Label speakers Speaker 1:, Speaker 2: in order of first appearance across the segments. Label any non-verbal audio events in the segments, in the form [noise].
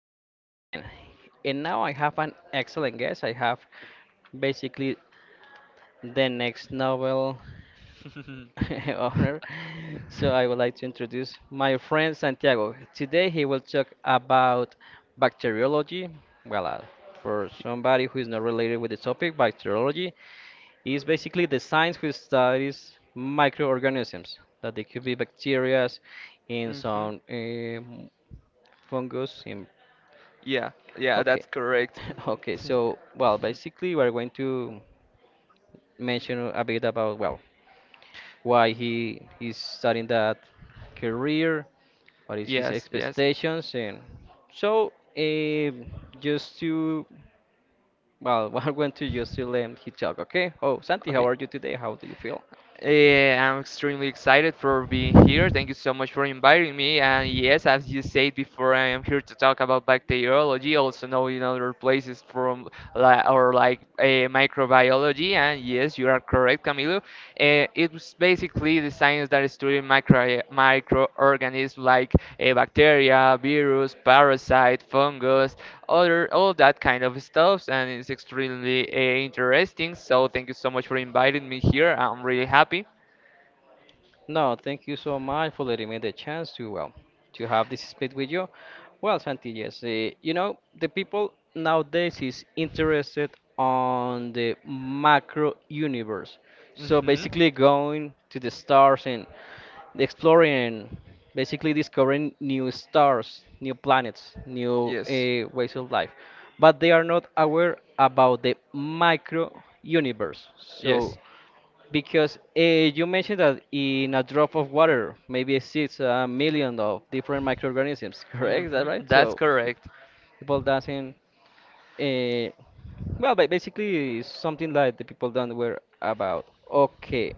Speaker 1: Camilo speaking. And now I have an excellent guest. I have basically the next Nobel
Speaker 2: [laughs] Hmm.
Speaker 1: [laughs] honor. So I would like to introduce my friend Santiago. Today he will talk about bacteriology. Well, uh, for somebody who is not related with the topic, bacteriology is basically the science which studies microorganisms that they could be bacteria in some fungus, in.
Speaker 2: Yeah, yeah,
Speaker 1: Okay.
Speaker 2: that's correct.
Speaker 1: [laughs] Okay,
Speaker 2: [laughs]
Speaker 1: so well, basically we're going to mention a bit about well, why he's starting that career, what is his
Speaker 2: Yes, yes.
Speaker 1: expectations, and so just to well, [laughs] we're going to just to let him he talk, okay? Oh, Santi, how
Speaker 2: Okay.
Speaker 1: are you today? How do you feel?
Speaker 2: I'm extremely excited for being here. Thank you so much for inviting me. And yes, as you said before, I am here to talk about bacteriology, also known in other places from or like microbiology. And yes, you are correct, Camilo. It's basically the science that is studying microorganisms like a bacteria, virus, parasite, fungus, other all that kind of stuff, and it's extremely interesting. So thank you so much for inviting me here. I'm really happy.
Speaker 1: No, thank you so much for letting me the chance to well to have this speed with you. Well, Santi, yes, you know the people nowadays is interested on the macro universe. So
Speaker 2: Hmm.
Speaker 1: basically, going to the stars and exploring, basically discovering new stars, new planets, new
Speaker 2: Yes.
Speaker 1: ways of life. But they are not aware about the micro universe. So
Speaker 2: Yes.
Speaker 1: because you mentioned that in a drop of water maybe exists a million of different microorganisms, [laughs] correct? Is that
Speaker 2: Mm-hmm.
Speaker 1: right?
Speaker 2: That's
Speaker 1: So
Speaker 2: correct.
Speaker 1: people doesn't, uh, well, basically it's something like the people don't were about. Okay.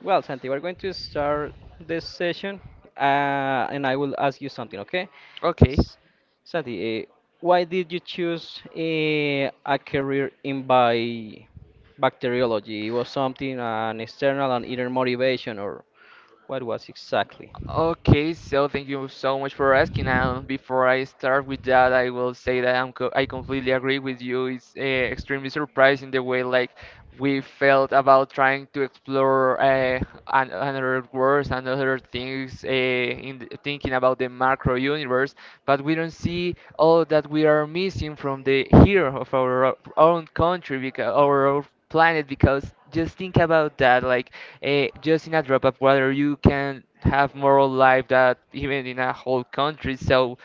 Speaker 1: Well, Santi, we're going to start this session, and I will ask you something, okay?
Speaker 2: Okay.
Speaker 1: Santi, why did you choose a career in bi bacteriology? It was something an external and inner motivation, or what was exactly?
Speaker 2: Okay, so thank you so much for asking. And before I start with that, I will say that I completely agree with you. It's extremely surprising the way, like, we felt about trying to explore an another worlds and other things, thinking about the macro universe. But we don't see all that we are missing from the here of our own country, because our own planet, because just think about that. Like, just in a drop of water, you can have more life that even in a whole country. So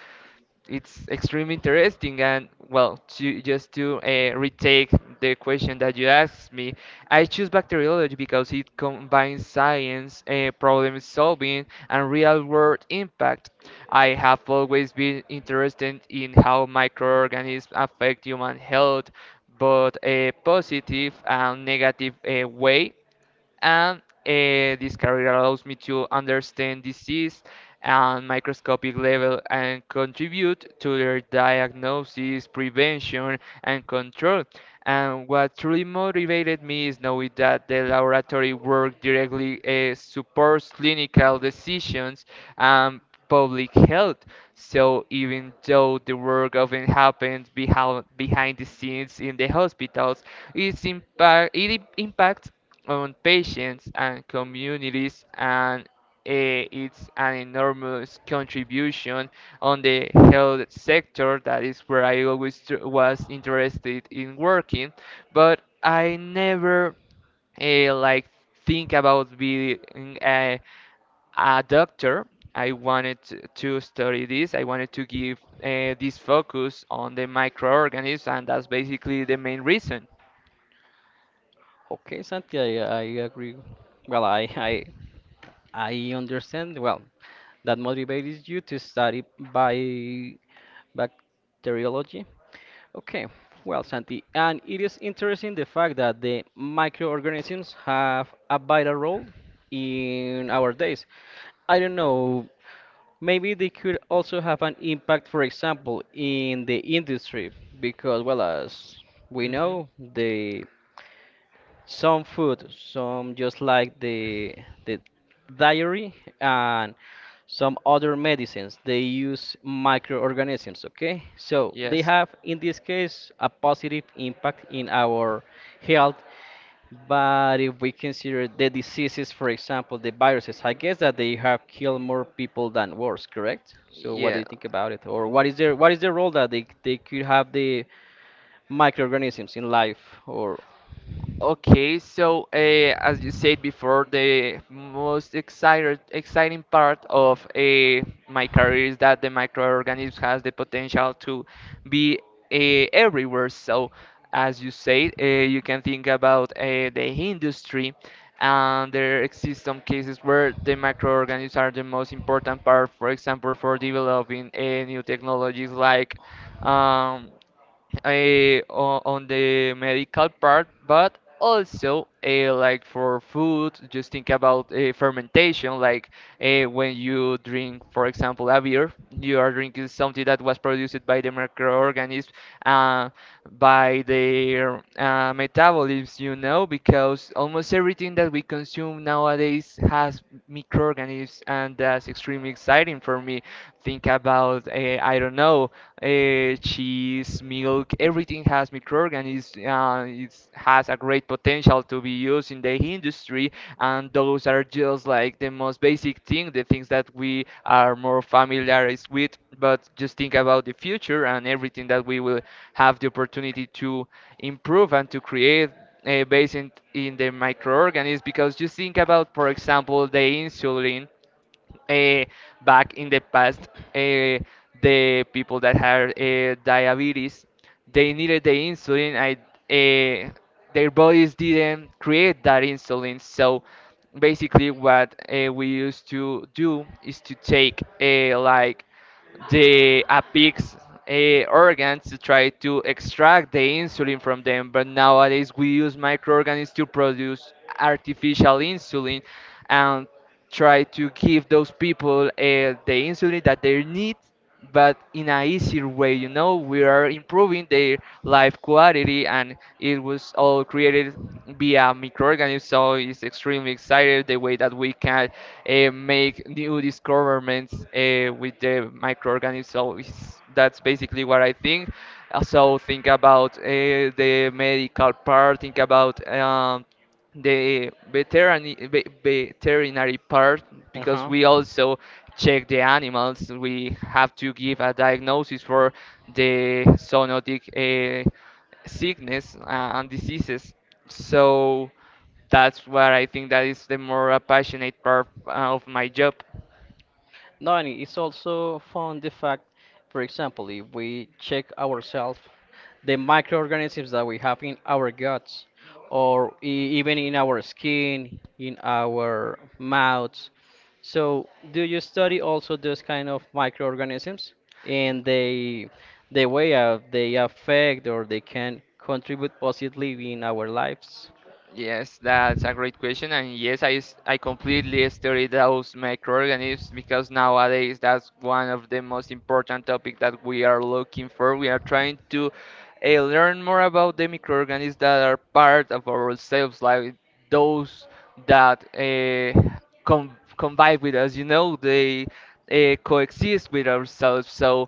Speaker 2: it's extremely interesting, and well, to just to retake the question that you asked me. I choose bacteriology because it combines science, problem solving, and real world impact. I have always been interested in how microorganisms affect human health, both a positive and negative way. And this career allows me to understand disease on microscopic level and contribute to their diagnosis, prevention, and control. And what truly motivated me is knowing that the laboratory work directly supports clinical decisions and public health. So even though the work often happens behind the scenes in the hospitals, its impacts on patients and communities, and it's an enormous contribution on the health sector, that is where I always was interested in working. But I never, like, think about being a doctor. I wanted to study this. I wanted to give this focus on the microorganisms, and that's basically the main reason.
Speaker 1: Okay, Santi, I agree. Well, I understand. Well, that motivates you to study bi bacteriology. Okay, well, Santi, and it is interesting the fact that the microorganisms have a vital role in our days. I don't know, maybe they could also have an impact, for example, in the industry, because, well, as we
Speaker 2: Hmm.
Speaker 1: know, the some food, some just like the diary and some other medicines, they use microorganisms, okay? So they
Speaker 2: Yes.
Speaker 1: have, in this case, a positive impact in our health. But if we consider the diseases, for example, the viruses, I guess that they have killed more people than wars, correct? So what do
Speaker 2: Yeah.
Speaker 1: you think about it? Or what is their what is the role that they could have the microorganisms in life or.
Speaker 2: Okay, so as you said before, the most exciting part of my career is that the microorganism has the potential to be everywhere. So, as you said, you can think about the industry, and there exist some cases where the microorganisms are the most important part, for example, for developing new technologies like. Um, on the medical part, but also like for food, just think about fermentation. Like, when you drink, for example, a beer, you are drinking something that was produced by the microorganism, uh, by their metabolisms, because almost everything that we consume nowadays has microorganisms, and that's extremely exciting for me. Think about I don't know, cheese, milk. Everything has microorganisms. It has a great potential to be used in the industry, and those are just like the most basic thing, the things that we are more familiarized with. But just think about the future and everything that we will have the opportunity to improve and to create, based in the microorganisms. Because just think about, for example, the insulin, uh, back in the past, uh, the people that had diabetes, they needed the insulin. Uh, their bodies didn't create that insulin. So basically, what we used to do is to take, like, the a pig's organs to try to extract the insulin from them. But nowadays, we use microorganisms to produce artificial insulin, and try to give those people the insulin that they need, but in a easier way. We are improving their life quality, and it was all created via microorganisms. So it's extremely excited the way that we can make new discoveries with the microorganisms. So that's basically what I think. Also think about the medical part. Think about, the veterinary part, because
Speaker 1: Uh-huh.
Speaker 2: we also check the animals. We have to give a diagnosis for the zoonotic uh, sickness and diseases. So that's what I think that is the more passionate part of my job.
Speaker 1: No, and it's also found the fact, for example, if we check ourselves, the microorganisms that we have in our guts, or even in our skin, in our mouths. So, do you study also those kind of microorganisms and they, the way of they affect or they can contribute positively in our lives?
Speaker 2: Yes, that's a great question, and yes, I completely study those microorganisms because nowadays that's one of the most important topic that we are looking for. We are trying to learn more about the microorganisms that are part of ourselves, like those that com convive with us. They coexist with ourselves. So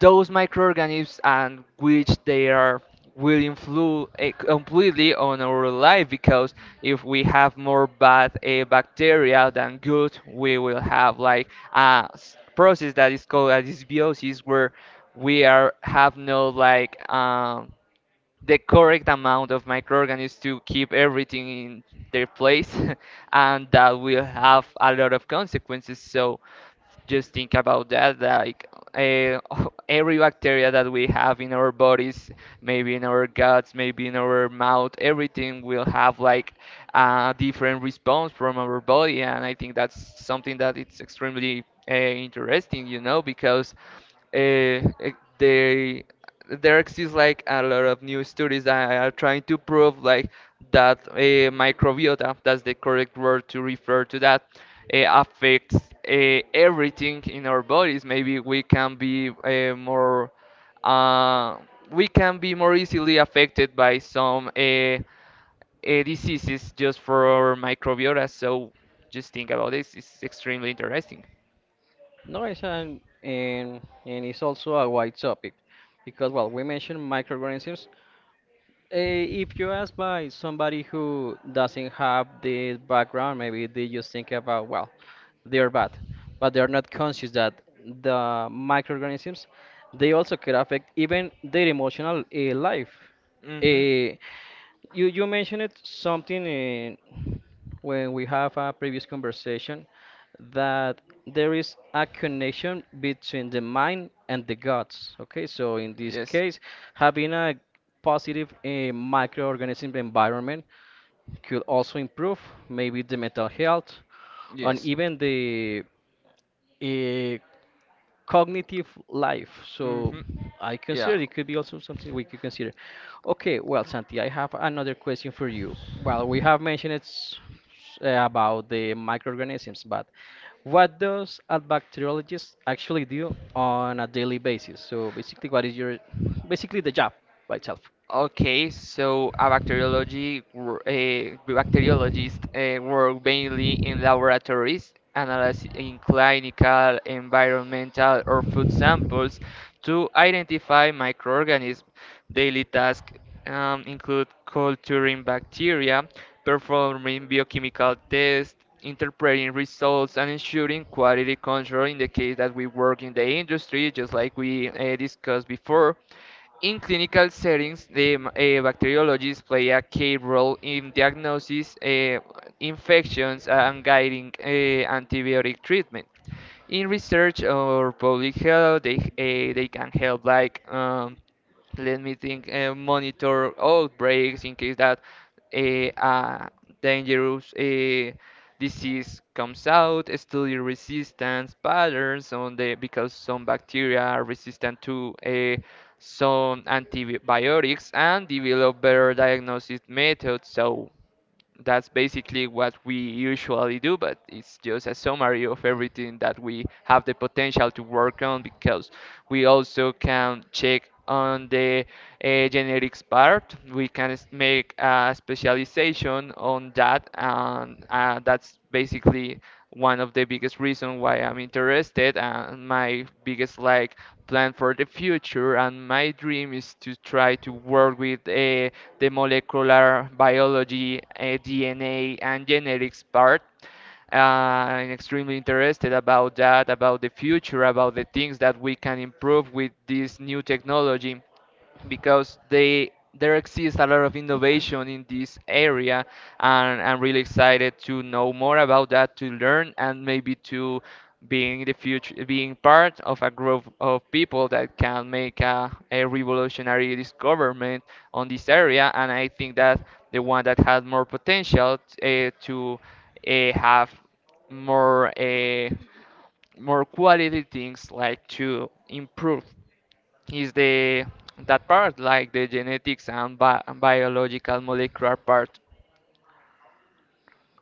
Speaker 2: those microorganisms, and which they are, will influence completely on our life, because if we have more bad bacteria than good, we will have like a process that is called a dysbiosis, where we are have no, like, the correct amount of microorganisms to keep everything in their place. [laughs] And that will have a lot of consequences. So just think about that, like, uh, [laughs] every bacteria that we have in our bodies, maybe in our guts, maybe in our mouth, everything will have like a different response from our body. And I think that's something that it's extremely interesting, because uh, eh, they there exists like a lot of new studies that are trying to prove like that microbiota, that's the correct word to refer to that, affects everything in our bodies. Maybe we can be uh, more easily affected by some diseases just for microbiota. So just think about this. It's extremely interesting.
Speaker 1: No, it's an, and it's also a wide topic because, well, we mentioned microorganisms. Eh, if you ask by somebody who doesn't have this background, maybe they just think about, well, they're bad, but they're not conscious that the microorganisms, they also can affect even their emotional life.
Speaker 2: Hmm.
Speaker 1: Uh, you you mentioned it something. When we have a previous conversation that there is a connection between the mind and the guts. Okay, so in this
Speaker 2: Yes.
Speaker 1: case, having a positive microorganism environment could also improve maybe the mental health and
Speaker 2: Yes.
Speaker 1: even the uh, cognitive life. So
Speaker 2: Hmm.
Speaker 1: I
Speaker 2: Yeah.
Speaker 1: consider it could be also something we could consider. Okay, well, Santi, I have another question for you. Well, we have mentioned it's about the microorganisms, but what does a bacteriologist actually do on a daily basis? So basically, what is your basically the job by itself?
Speaker 2: Okay, so a bacteriologist work mainly in laboratories, analyzing clinical, environmental, or food samples to identify microorganisms. Daily tasks, include culturing bacteria, performing biochemical tests, interpreting results, and ensuring quality control in the case that we work in the industry, just like we discussed before. In clinical settings, the bacteriologists play a key role in diagnosis, infections, and guiding antibiotic treatment. In research or public health, they can help, like, let me think, monitor outbreaks in case that a dangerous a disease comes out, study resistance patterns on the because some bacteria are resistant to a some antibiotics, and develop better diagnosis methods. So that's basically what we usually do, but it's just a summary of everything that we have the potential to work on, because we also can check on the genetics part. We can make a specialization on that, and that's basically one of the biggest reasons why I'm interested, and my biggest, like, plan for the future and my dream is to try to work with, the molecular biology, DNA, and genetics part. I'm extremely interested about that, about the future, about the things that we can improve with this new technology, because they there exists a lot of innovation in this area, and I'm really excited to know more about that, to learn, and maybe to being the future, being part of a group of people that can make a revolutionary discovery on this area. And I think that the one that has more potential, to have more uh, more quality things, like, to improve, is the that part, like the genetics and biological molecular part.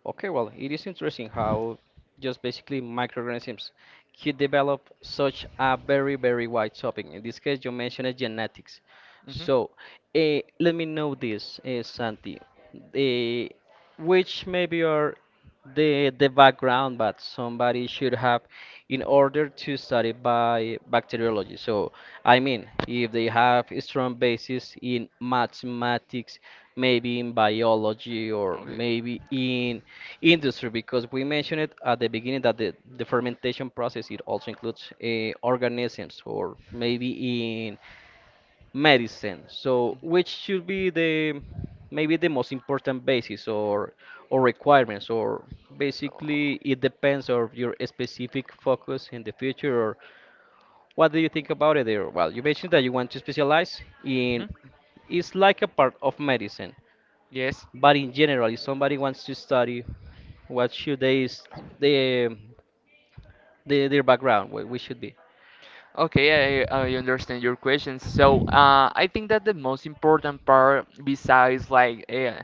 Speaker 1: Okay, well, it is interesting how just basically microorganisms could develop such a very, very wide topic. In this case, you mentioned genetics. So, let me know this, Santi. Eh, which maybe are the background that somebody should have in order to study by bacteriology. So I mean, if they have a strong basis in mathematics, maybe in biology or maybe in industry, because we mentioned it at the beginning that the fermentation process it also includes organisms or maybe in medicine. So, which should be the maybe the most important basis or requirements or basically it depends on your specific focus in the future or what do you think about it there? Well, you mentioned that you want to specialize
Speaker 2: Mhm.
Speaker 1: in it's like a part of medicine,
Speaker 2: Yes.
Speaker 1: but in general, if somebody wants to study, what should they, the the their background? What we should be?
Speaker 2: Okay, I understand your question. So, I think that the most important part, besides like,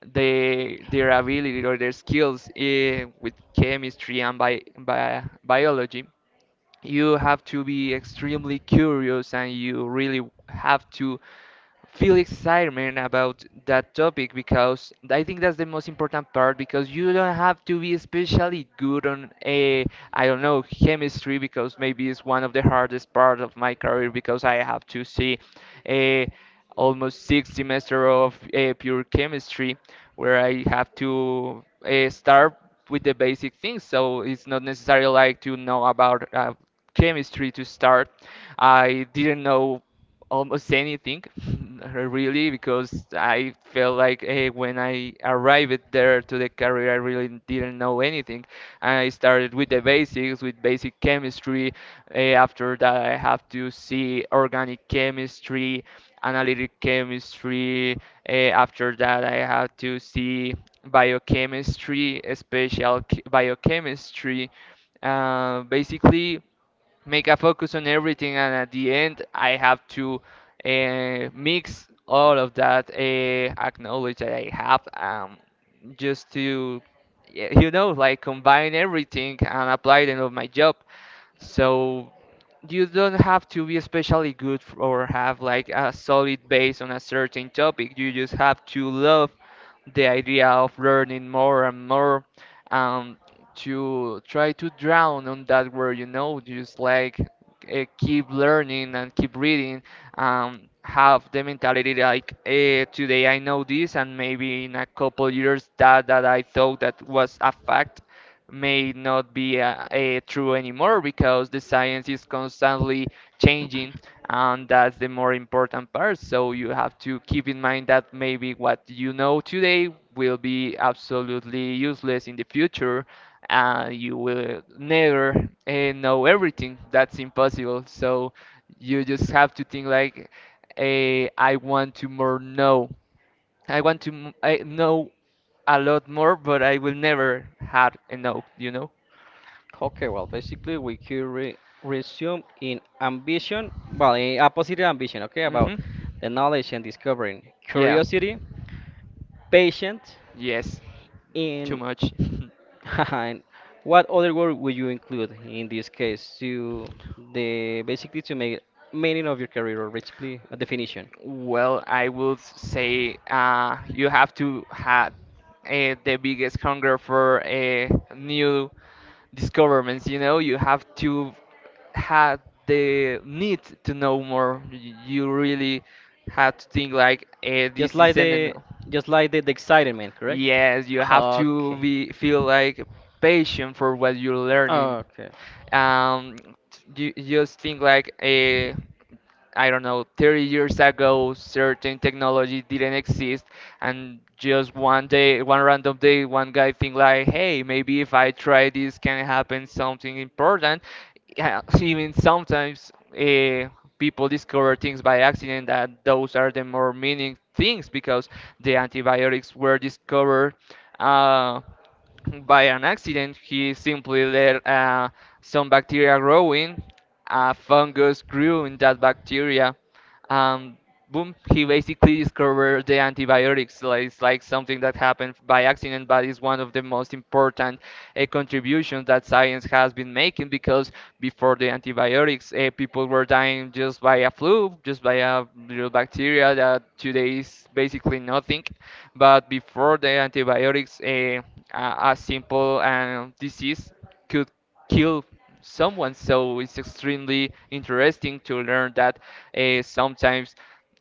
Speaker 2: their ability or their skills with chemistry and bi bi biology, you have to be extremely curious and you really have to feel excitement about that topic, because I think that's the most important part, because you don't have to be especially good on a I don't know, chemistry, because maybe it's one of the hardest part of my career, because I have to see, uh, almost 6 semester of pure chemistry, where I have to start with the basic things. So it's not necessary, like, to know about chemistry to start. I didn't know almost anything [laughs] really, because I felt like, when I arrived there to the career, I really didn't know anything. And I started with the basics, with basic chemistry. After that, I have to see organic chemistry, analytic chemistry. After that, I have to see biochemistry, spatial biochemistry. Basically, make a focus on everything, and at the end, I have to mix all of that knowledge that I have, just to, like, combine everything and apply them of my job. So you don't have to be especially good or have like a solid base on a certain topic. You just have to love the idea of learning more and more um to try to drown on that word, just like keep learning and keep reading have the mentality like today I know this, and maybe in a couple years that I thought that was a fact may not be true anymore because the science is constantly changing. And that's the more important part, so you have to keep in mind that maybe what you know today will be absolutely useless in the future, and you will never know everything. That's impossible. So you just have to think like I want to more know. I want to I know a lot more, but I will never have enough, you know?
Speaker 1: Okay, well, basically we could re resume in ambition, well, in a positive ambition, okay, about
Speaker 2: Mhm.
Speaker 1: the knowledge and discovering,
Speaker 2: Yeah.
Speaker 1: curiosity, patience,
Speaker 2: Yes. Too
Speaker 1: in
Speaker 2: much. [laughs]
Speaker 1: [laughs] and what other word would you include in this case to the basically to make meaning of your career or basically a definition,
Speaker 2: Well, I would say you have to have the biggest hunger for new discoveries. You know, you have to have the need to know more. You really have to think like
Speaker 1: just
Speaker 2: this is
Speaker 1: like
Speaker 2: an
Speaker 1: the just like the excitement, correct?
Speaker 2: yes, you have to
Speaker 1: Okay.
Speaker 2: be feel like patient for what you're learning.
Speaker 1: Okay.
Speaker 2: Um, you just think like I don't know, 30 years ago, certain technology didn't exist, and just one day, one random day, one guy think like, hey, maybe if I try this, can happen something important. Yeah, [laughs] even sometimes uh, people discover things by accident. That those are the more meaning things because the antibiotics were discovered Uh, by an accident. He simply let some bacteria growing. A fungus grew in that bacteria, and boom, he basically discovered the antibiotics. Like, it's like something that happened by accident, but it's one of the most important contributions that science has been making, because before the antibiotics, people were dying just by a flu, just by a little bacteria that today is basically nothing. But before the antibiotics, a simple disease could kill someone. So it's extremely interesting to learn that sometimes,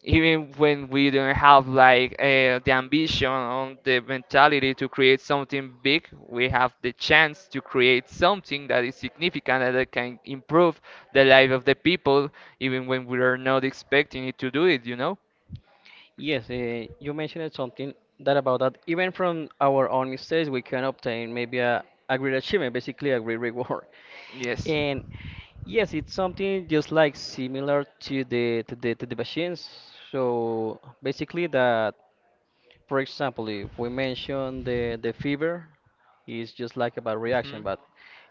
Speaker 2: even when we don't have like the ambition or the mentality to create something big, we have the chance to create something that is significant and that can improve the life of the people, even when we are not expecting it to do it, you know?
Speaker 1: Yes, you mentioned something that about that even from our own mistakes we can obtain maybe a great achievement, basically a great [laughs] reward. And yes, it's something just like similar to the to the to the machines. So basically that for example if we mention the fever is just like a bad reaction, but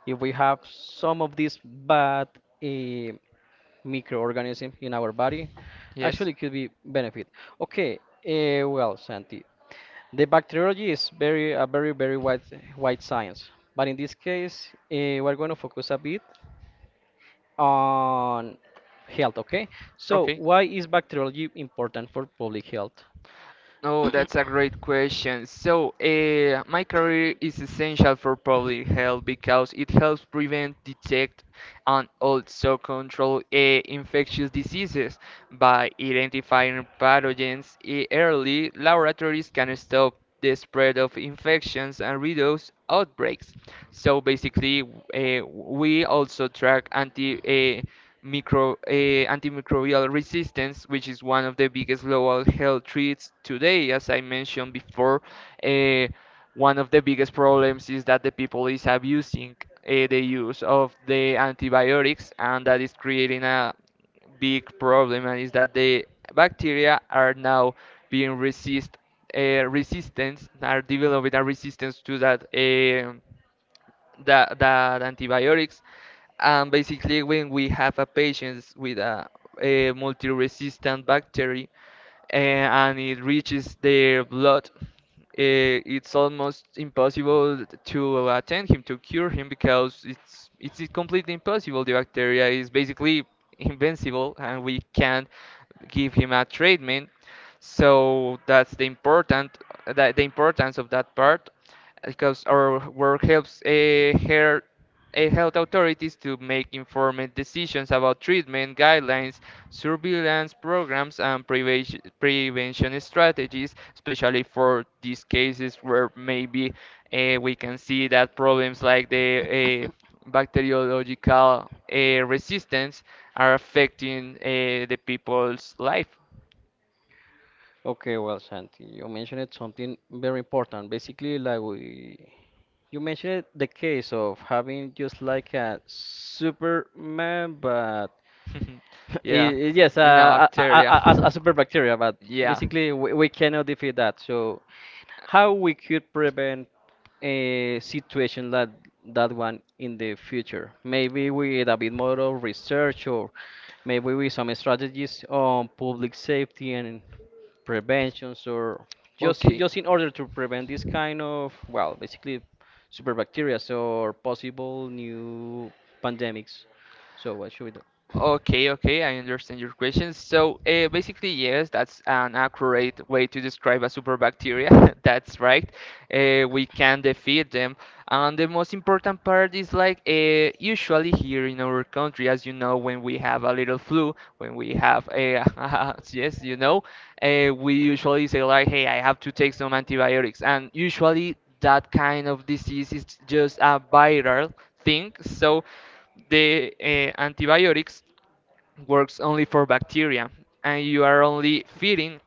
Speaker 1: if we have some of these bad uh, microorganisms in our body,
Speaker 2: Yes.
Speaker 1: actually it could be benefit. Okay, well, Santi, the bacteriology is very a very very wide science, but in this case, we're going to focus a bit on health. Okay, so why is bacteriology important for public health?
Speaker 2: Oh, that's a great question. So, my career is essential for public health because it helps prevent, detect, and also control infectious diseases by identifying pathogens early. Laboratories can stop the spread of infections and reduce outbreaks. So basically, we also track Uh, antimicrobial resistance, which is one of the biggest global health threats today. As I mentioned before, eh, one of the biggest problems is that the people is abusing the use of the antibiotics, and that is creating a big problem, and is that the bacteria are now being resist, are developing a resistance to that. That antibiotics. And basically, when we have a patient with a multi-resistant bacteria and it reaches their blood, it's almost impossible to attend him, to cure him, because it's completely impossible. The bacteria is basically invincible, and we can't give him a treatment. So that's the important that the importance of that part, because our work helps health authorities to make informed decisions about treatment guidelines, surveillance programs, and prevention strategies, especially for these cases where maybe we can see that problems like the bacteriological resistance are affecting the people's life.
Speaker 1: Okay, well, Santi, you mentioned something very important. Basically, like we, you mentioned the case of having just like a Superman, but
Speaker 2: [laughs]
Speaker 1: [laughs]
Speaker 2: Yeah,
Speaker 1: yes,
Speaker 2: in our bacteria.
Speaker 1: a
Speaker 2: [laughs]
Speaker 1: super bacteria, but
Speaker 2: Yeah.
Speaker 1: basically we cannot defeat that. So, how we could prevent a situation like that one in the future. Maybe with a bit more of research or maybe with some strategies on public safety and preventions or
Speaker 2: Okay.
Speaker 1: just in order to prevent this kind of well basically super bacteria or possible new pandemics. So what should we do?
Speaker 2: Okay, I understand your question. So, basically, yes, that's an accurate way to describe a super bacteria. [laughs] That's right. We can defeat them. And the most important part is like usually here in our country, as you know, when we have a little flu, when we have a [laughs] yes, you know, we usually say like, hey, I have to take some antibiotics. And usually that kind of disease is just a viral thing. So the antibiotics works only for bacteria, and you are only feeding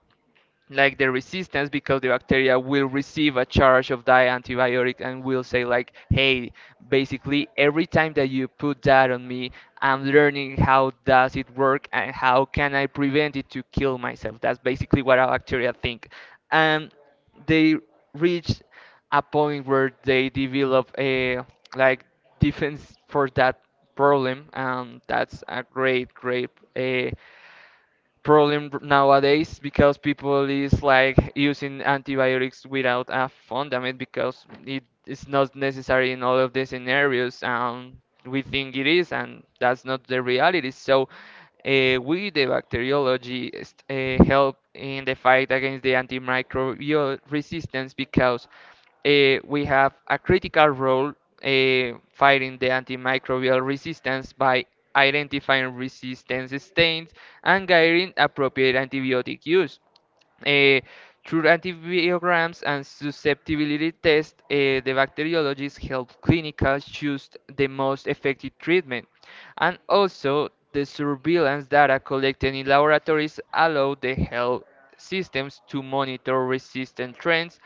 Speaker 2: like the resistance, because the bacteria will receive a charge of that antibiotic and will say like, hey, basically, every time that you put that on me, I'm learning how does it work and how can I prevent it to kill myself. That's basically what our bacteria think. And they reach a point where they develop a like defense for that problem, and that's a great uh, problem nowadays, because people is like using antibiotics without a fundament, because it is not necessary in all of the scenarios, and we think it is, and that's not the reality. So we the bacteriology help in the fight against the antimicrobial resistance, because we have a critical role fighting the antimicrobial resistance by identifying resistance stains and guiding appropriate antibiotic use. Eh, Through antibiograms and susceptibility tests, the bacteriologists help clinicians choose the most effective treatment. And also, the surveillance data collected in laboratories allow the health systems to monitor resistant trends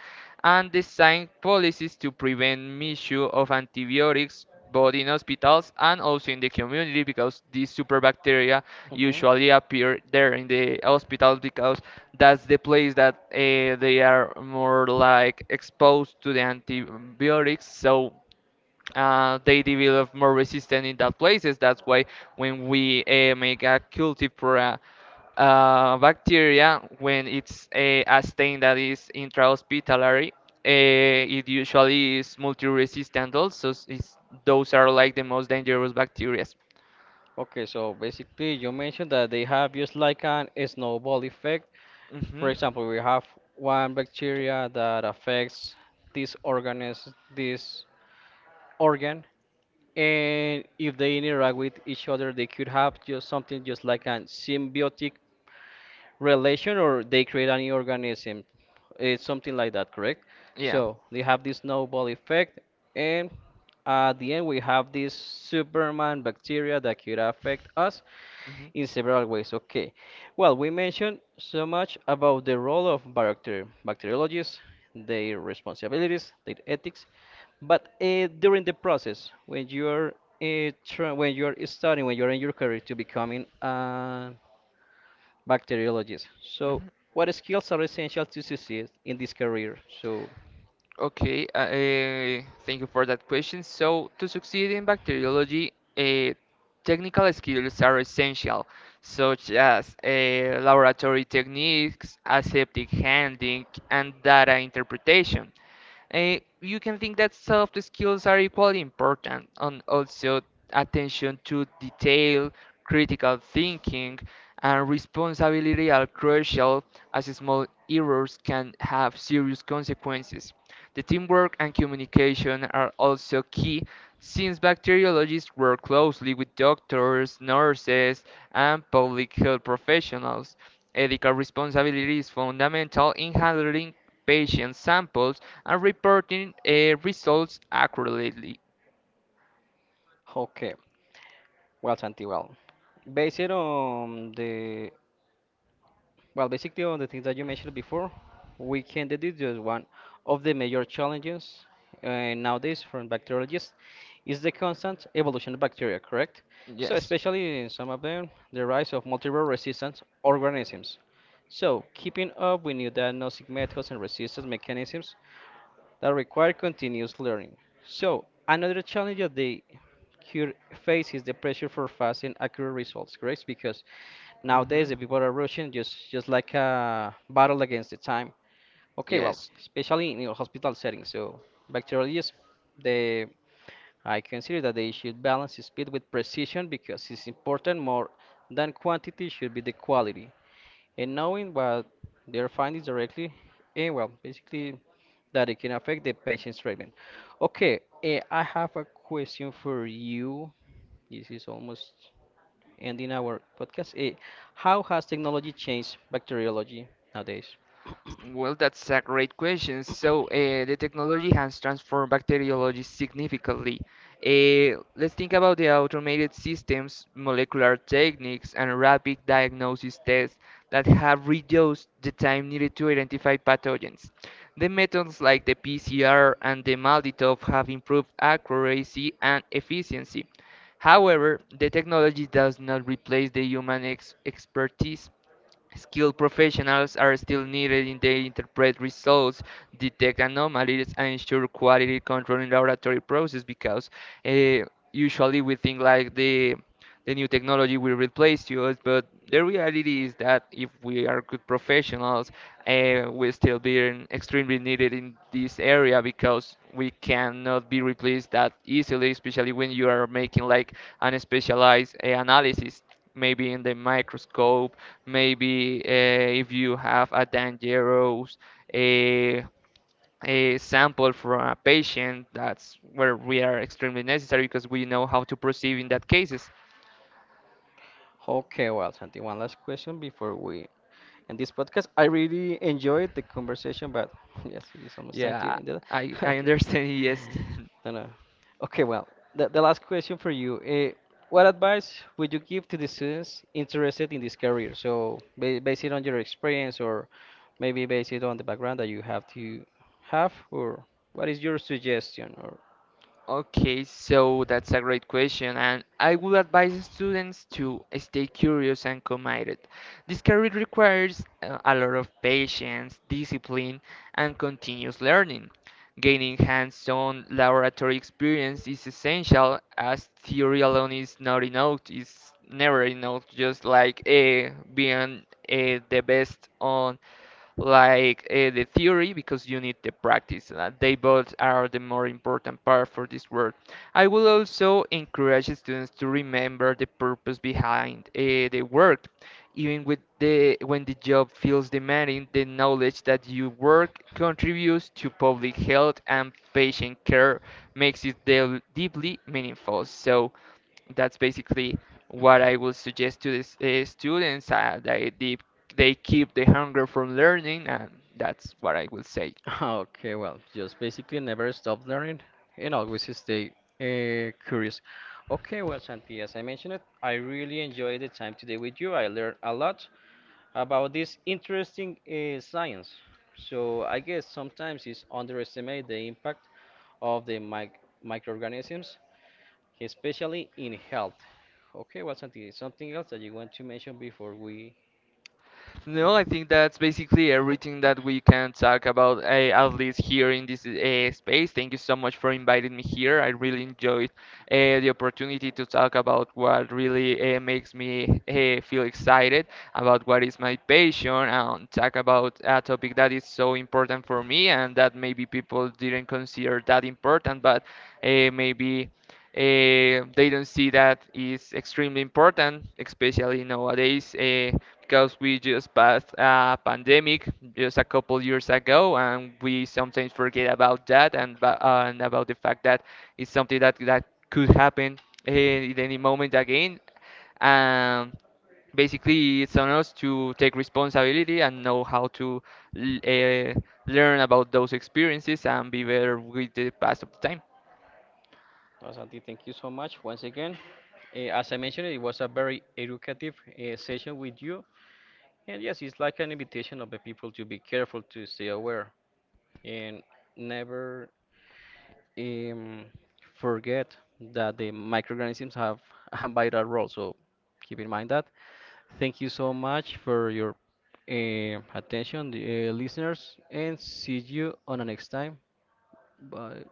Speaker 2: and designed policies to prevent misuse of antibiotics, both in hospitals and also in the community, because these super bacteria
Speaker 1: Mhm.
Speaker 2: usually appear there in the hospitals because that's the place that they are more like exposed to the antibiotics, so they develop more resistance in that places. That's why when we make a cultive for a bacteria, when it's a stain that is intrahospitallary, it usually is multi-resistant. Also, it's, those are like the most dangerous bacteria.
Speaker 1: Okay, so basically you mentioned that they have just like an snowball effect.
Speaker 2: Hmm.
Speaker 1: For example, we have one bacteria that affects this organism, this organ, and if they interact with each other, they could have just something just like a symbiotic relation, or they create a new organism. It's something like that, correct?
Speaker 2: Yeah.
Speaker 1: So they have this snowball effect, and at the end we have this Superman bacteria that could affect us,
Speaker 2: Hmm. Hmm.
Speaker 1: in several ways. Okay. Well, we mentioned so much about the role of bacteriologists, their responsibilities, their ethics, but during the process, when you are when you are studying, when you are in your career to becoming a bacteriologist, so what skills are essential to succeed in this career? So,
Speaker 2: Okay, thank you for that question. So, to succeed in bacteriology, technical skills are essential, such as laboratory techniques, aseptic handling, and data interpretation. Eh, you can think that soft skills are equally important, and also attention to detail, critical thinking, and responsibility are crucial, as small errors can have serious consequences. The teamwork and communication are also key, since bacteriologists work closely with doctors, nurses, and public health professionals. Ethical responsibility is fundamental in handling patient samples and reporting results accurately.
Speaker 1: okay, well, Santi, well, based on the. Well, basically, on the things that you mentioned before, we can deduce just one of the major challenges nowadays from bacteriologists is the constant evolution of bacteria, correct? So,
Speaker 2: Yes.
Speaker 1: especially in some of them, the rise of multiple resistant organisms. So, keeping up with new diagnostic methods and resistance mechanisms that require continuous learning. So, another challenge that they cur- face is the pressure for fast and accurate results, correct? Because nowadays the
Speaker 2: Mhm.
Speaker 1: people are rushing just like a battle against the time. Okay, well,
Speaker 2: Yes.
Speaker 1: especially in your hospital setting. So, bacteriologists, they I consider that they should balance speed with precision because it's important more than quantity should be the quality and knowing what their findings directly and well basically that it can affect the pension treatment. Okay, I have a question for you. This is almost ending our podcast. Eh, how has technology changed bacteriology nowadays?
Speaker 2: Well, that's a great question. So, the technology has transformed bacteriology significantly. Let's think about the automated systems, molecular techniques, and rapid diagnosis tests that have reduced the time needed to identify pathogens. The methods like the PCR and the Malditive have improved accuracy and efficiency. However, the technology does not replace the human ex expertise. Skilled professionals are still needed in they interpret results, detect anomalies, and ensure quality control in laboratory process, because uh, usually we think like the new technology will replace us, but the reality is that if we are good professionals, we'll still be extremely needed in this area, because we cannot be replaced that easily, especially when you are making like an specialized analysis, maybe in the microscope, maybe if you have a dangerous a, a sample from a patient, that's where we are extremely necessary, because we know how to proceed in that cases.
Speaker 1: Okay, well, Santi, one last question before we and this podcast. I really enjoyed the conversation, but [laughs] yes, it is almost time to
Speaker 2: Yeah,
Speaker 1: end it.
Speaker 2: I,
Speaker 1: [laughs]
Speaker 2: I
Speaker 1: Okay.
Speaker 2: understand, [laughs] yes.
Speaker 1: No, no. Okay, well, the last question for you. What advice would you give to the students interested in this career? So, ba based on your experience or maybe based on the background that you have to have, or what is your suggestion? Or
Speaker 2: Okay, so that's a great question, and I would advise students to stay curious and committed. This career requires a lot of patience, discipline, and continuous learning. Gaining hands-on laboratory experience is essential, as theory alone is not enough. It's never enough, just like being the best on like the theory, because you need the practice. They both are the more important part for this work. I will also encourage students to remember the purpose behind the work. Even with the when the job feels demanding, the knowledge that you work contributes to public health and patient care makes it deeply meaningful. So, that's basically what I would suggest to the students that they keep the hunger for learning, and that's what I would say.
Speaker 1: [laughs] okay, well, just basically never stop learning and always stay curious. Okay, well, Santi, as I mentioned it, I really enjoyed the time today with you. I learned a lot about this interesting science. So I guess sometimes it's underestimated the impact of the microorganisms, especially in health. Okay, well, Santi, something else that you want to mention before we
Speaker 2: No, I think
Speaker 1: end
Speaker 2: that's basically everything that we can talk about, at least here
Speaker 1: this?
Speaker 2: in this space. Thank you so much for inviting me here. I really enjoyed the opportunity to talk about what really makes me feel excited, about what is my passion, and talk about a topic that is so important for me and that maybe people didn't consider that important, but maybe they don't see that is extremely important, especially nowadays, because we just passed a pandemic just a couple years ago, and we sometimes forget about that and, and about the fact that it's something that could happen at any moment again. Um, basically, it's on us to take responsibility and know how to l- uh, learn about those experiences and be better with the pass of time.
Speaker 1: No, Santi, thank you so much once again. Eh, as I mentioned, it was a very educative session with you. And yes, it's like an invitation of the people to be careful, to stay aware, and never um, forget that the microorganisms have [laughs] a vital role. So keep in mind that. Thank you so much for your attention, the, listeners, and see you on the next time. Bye.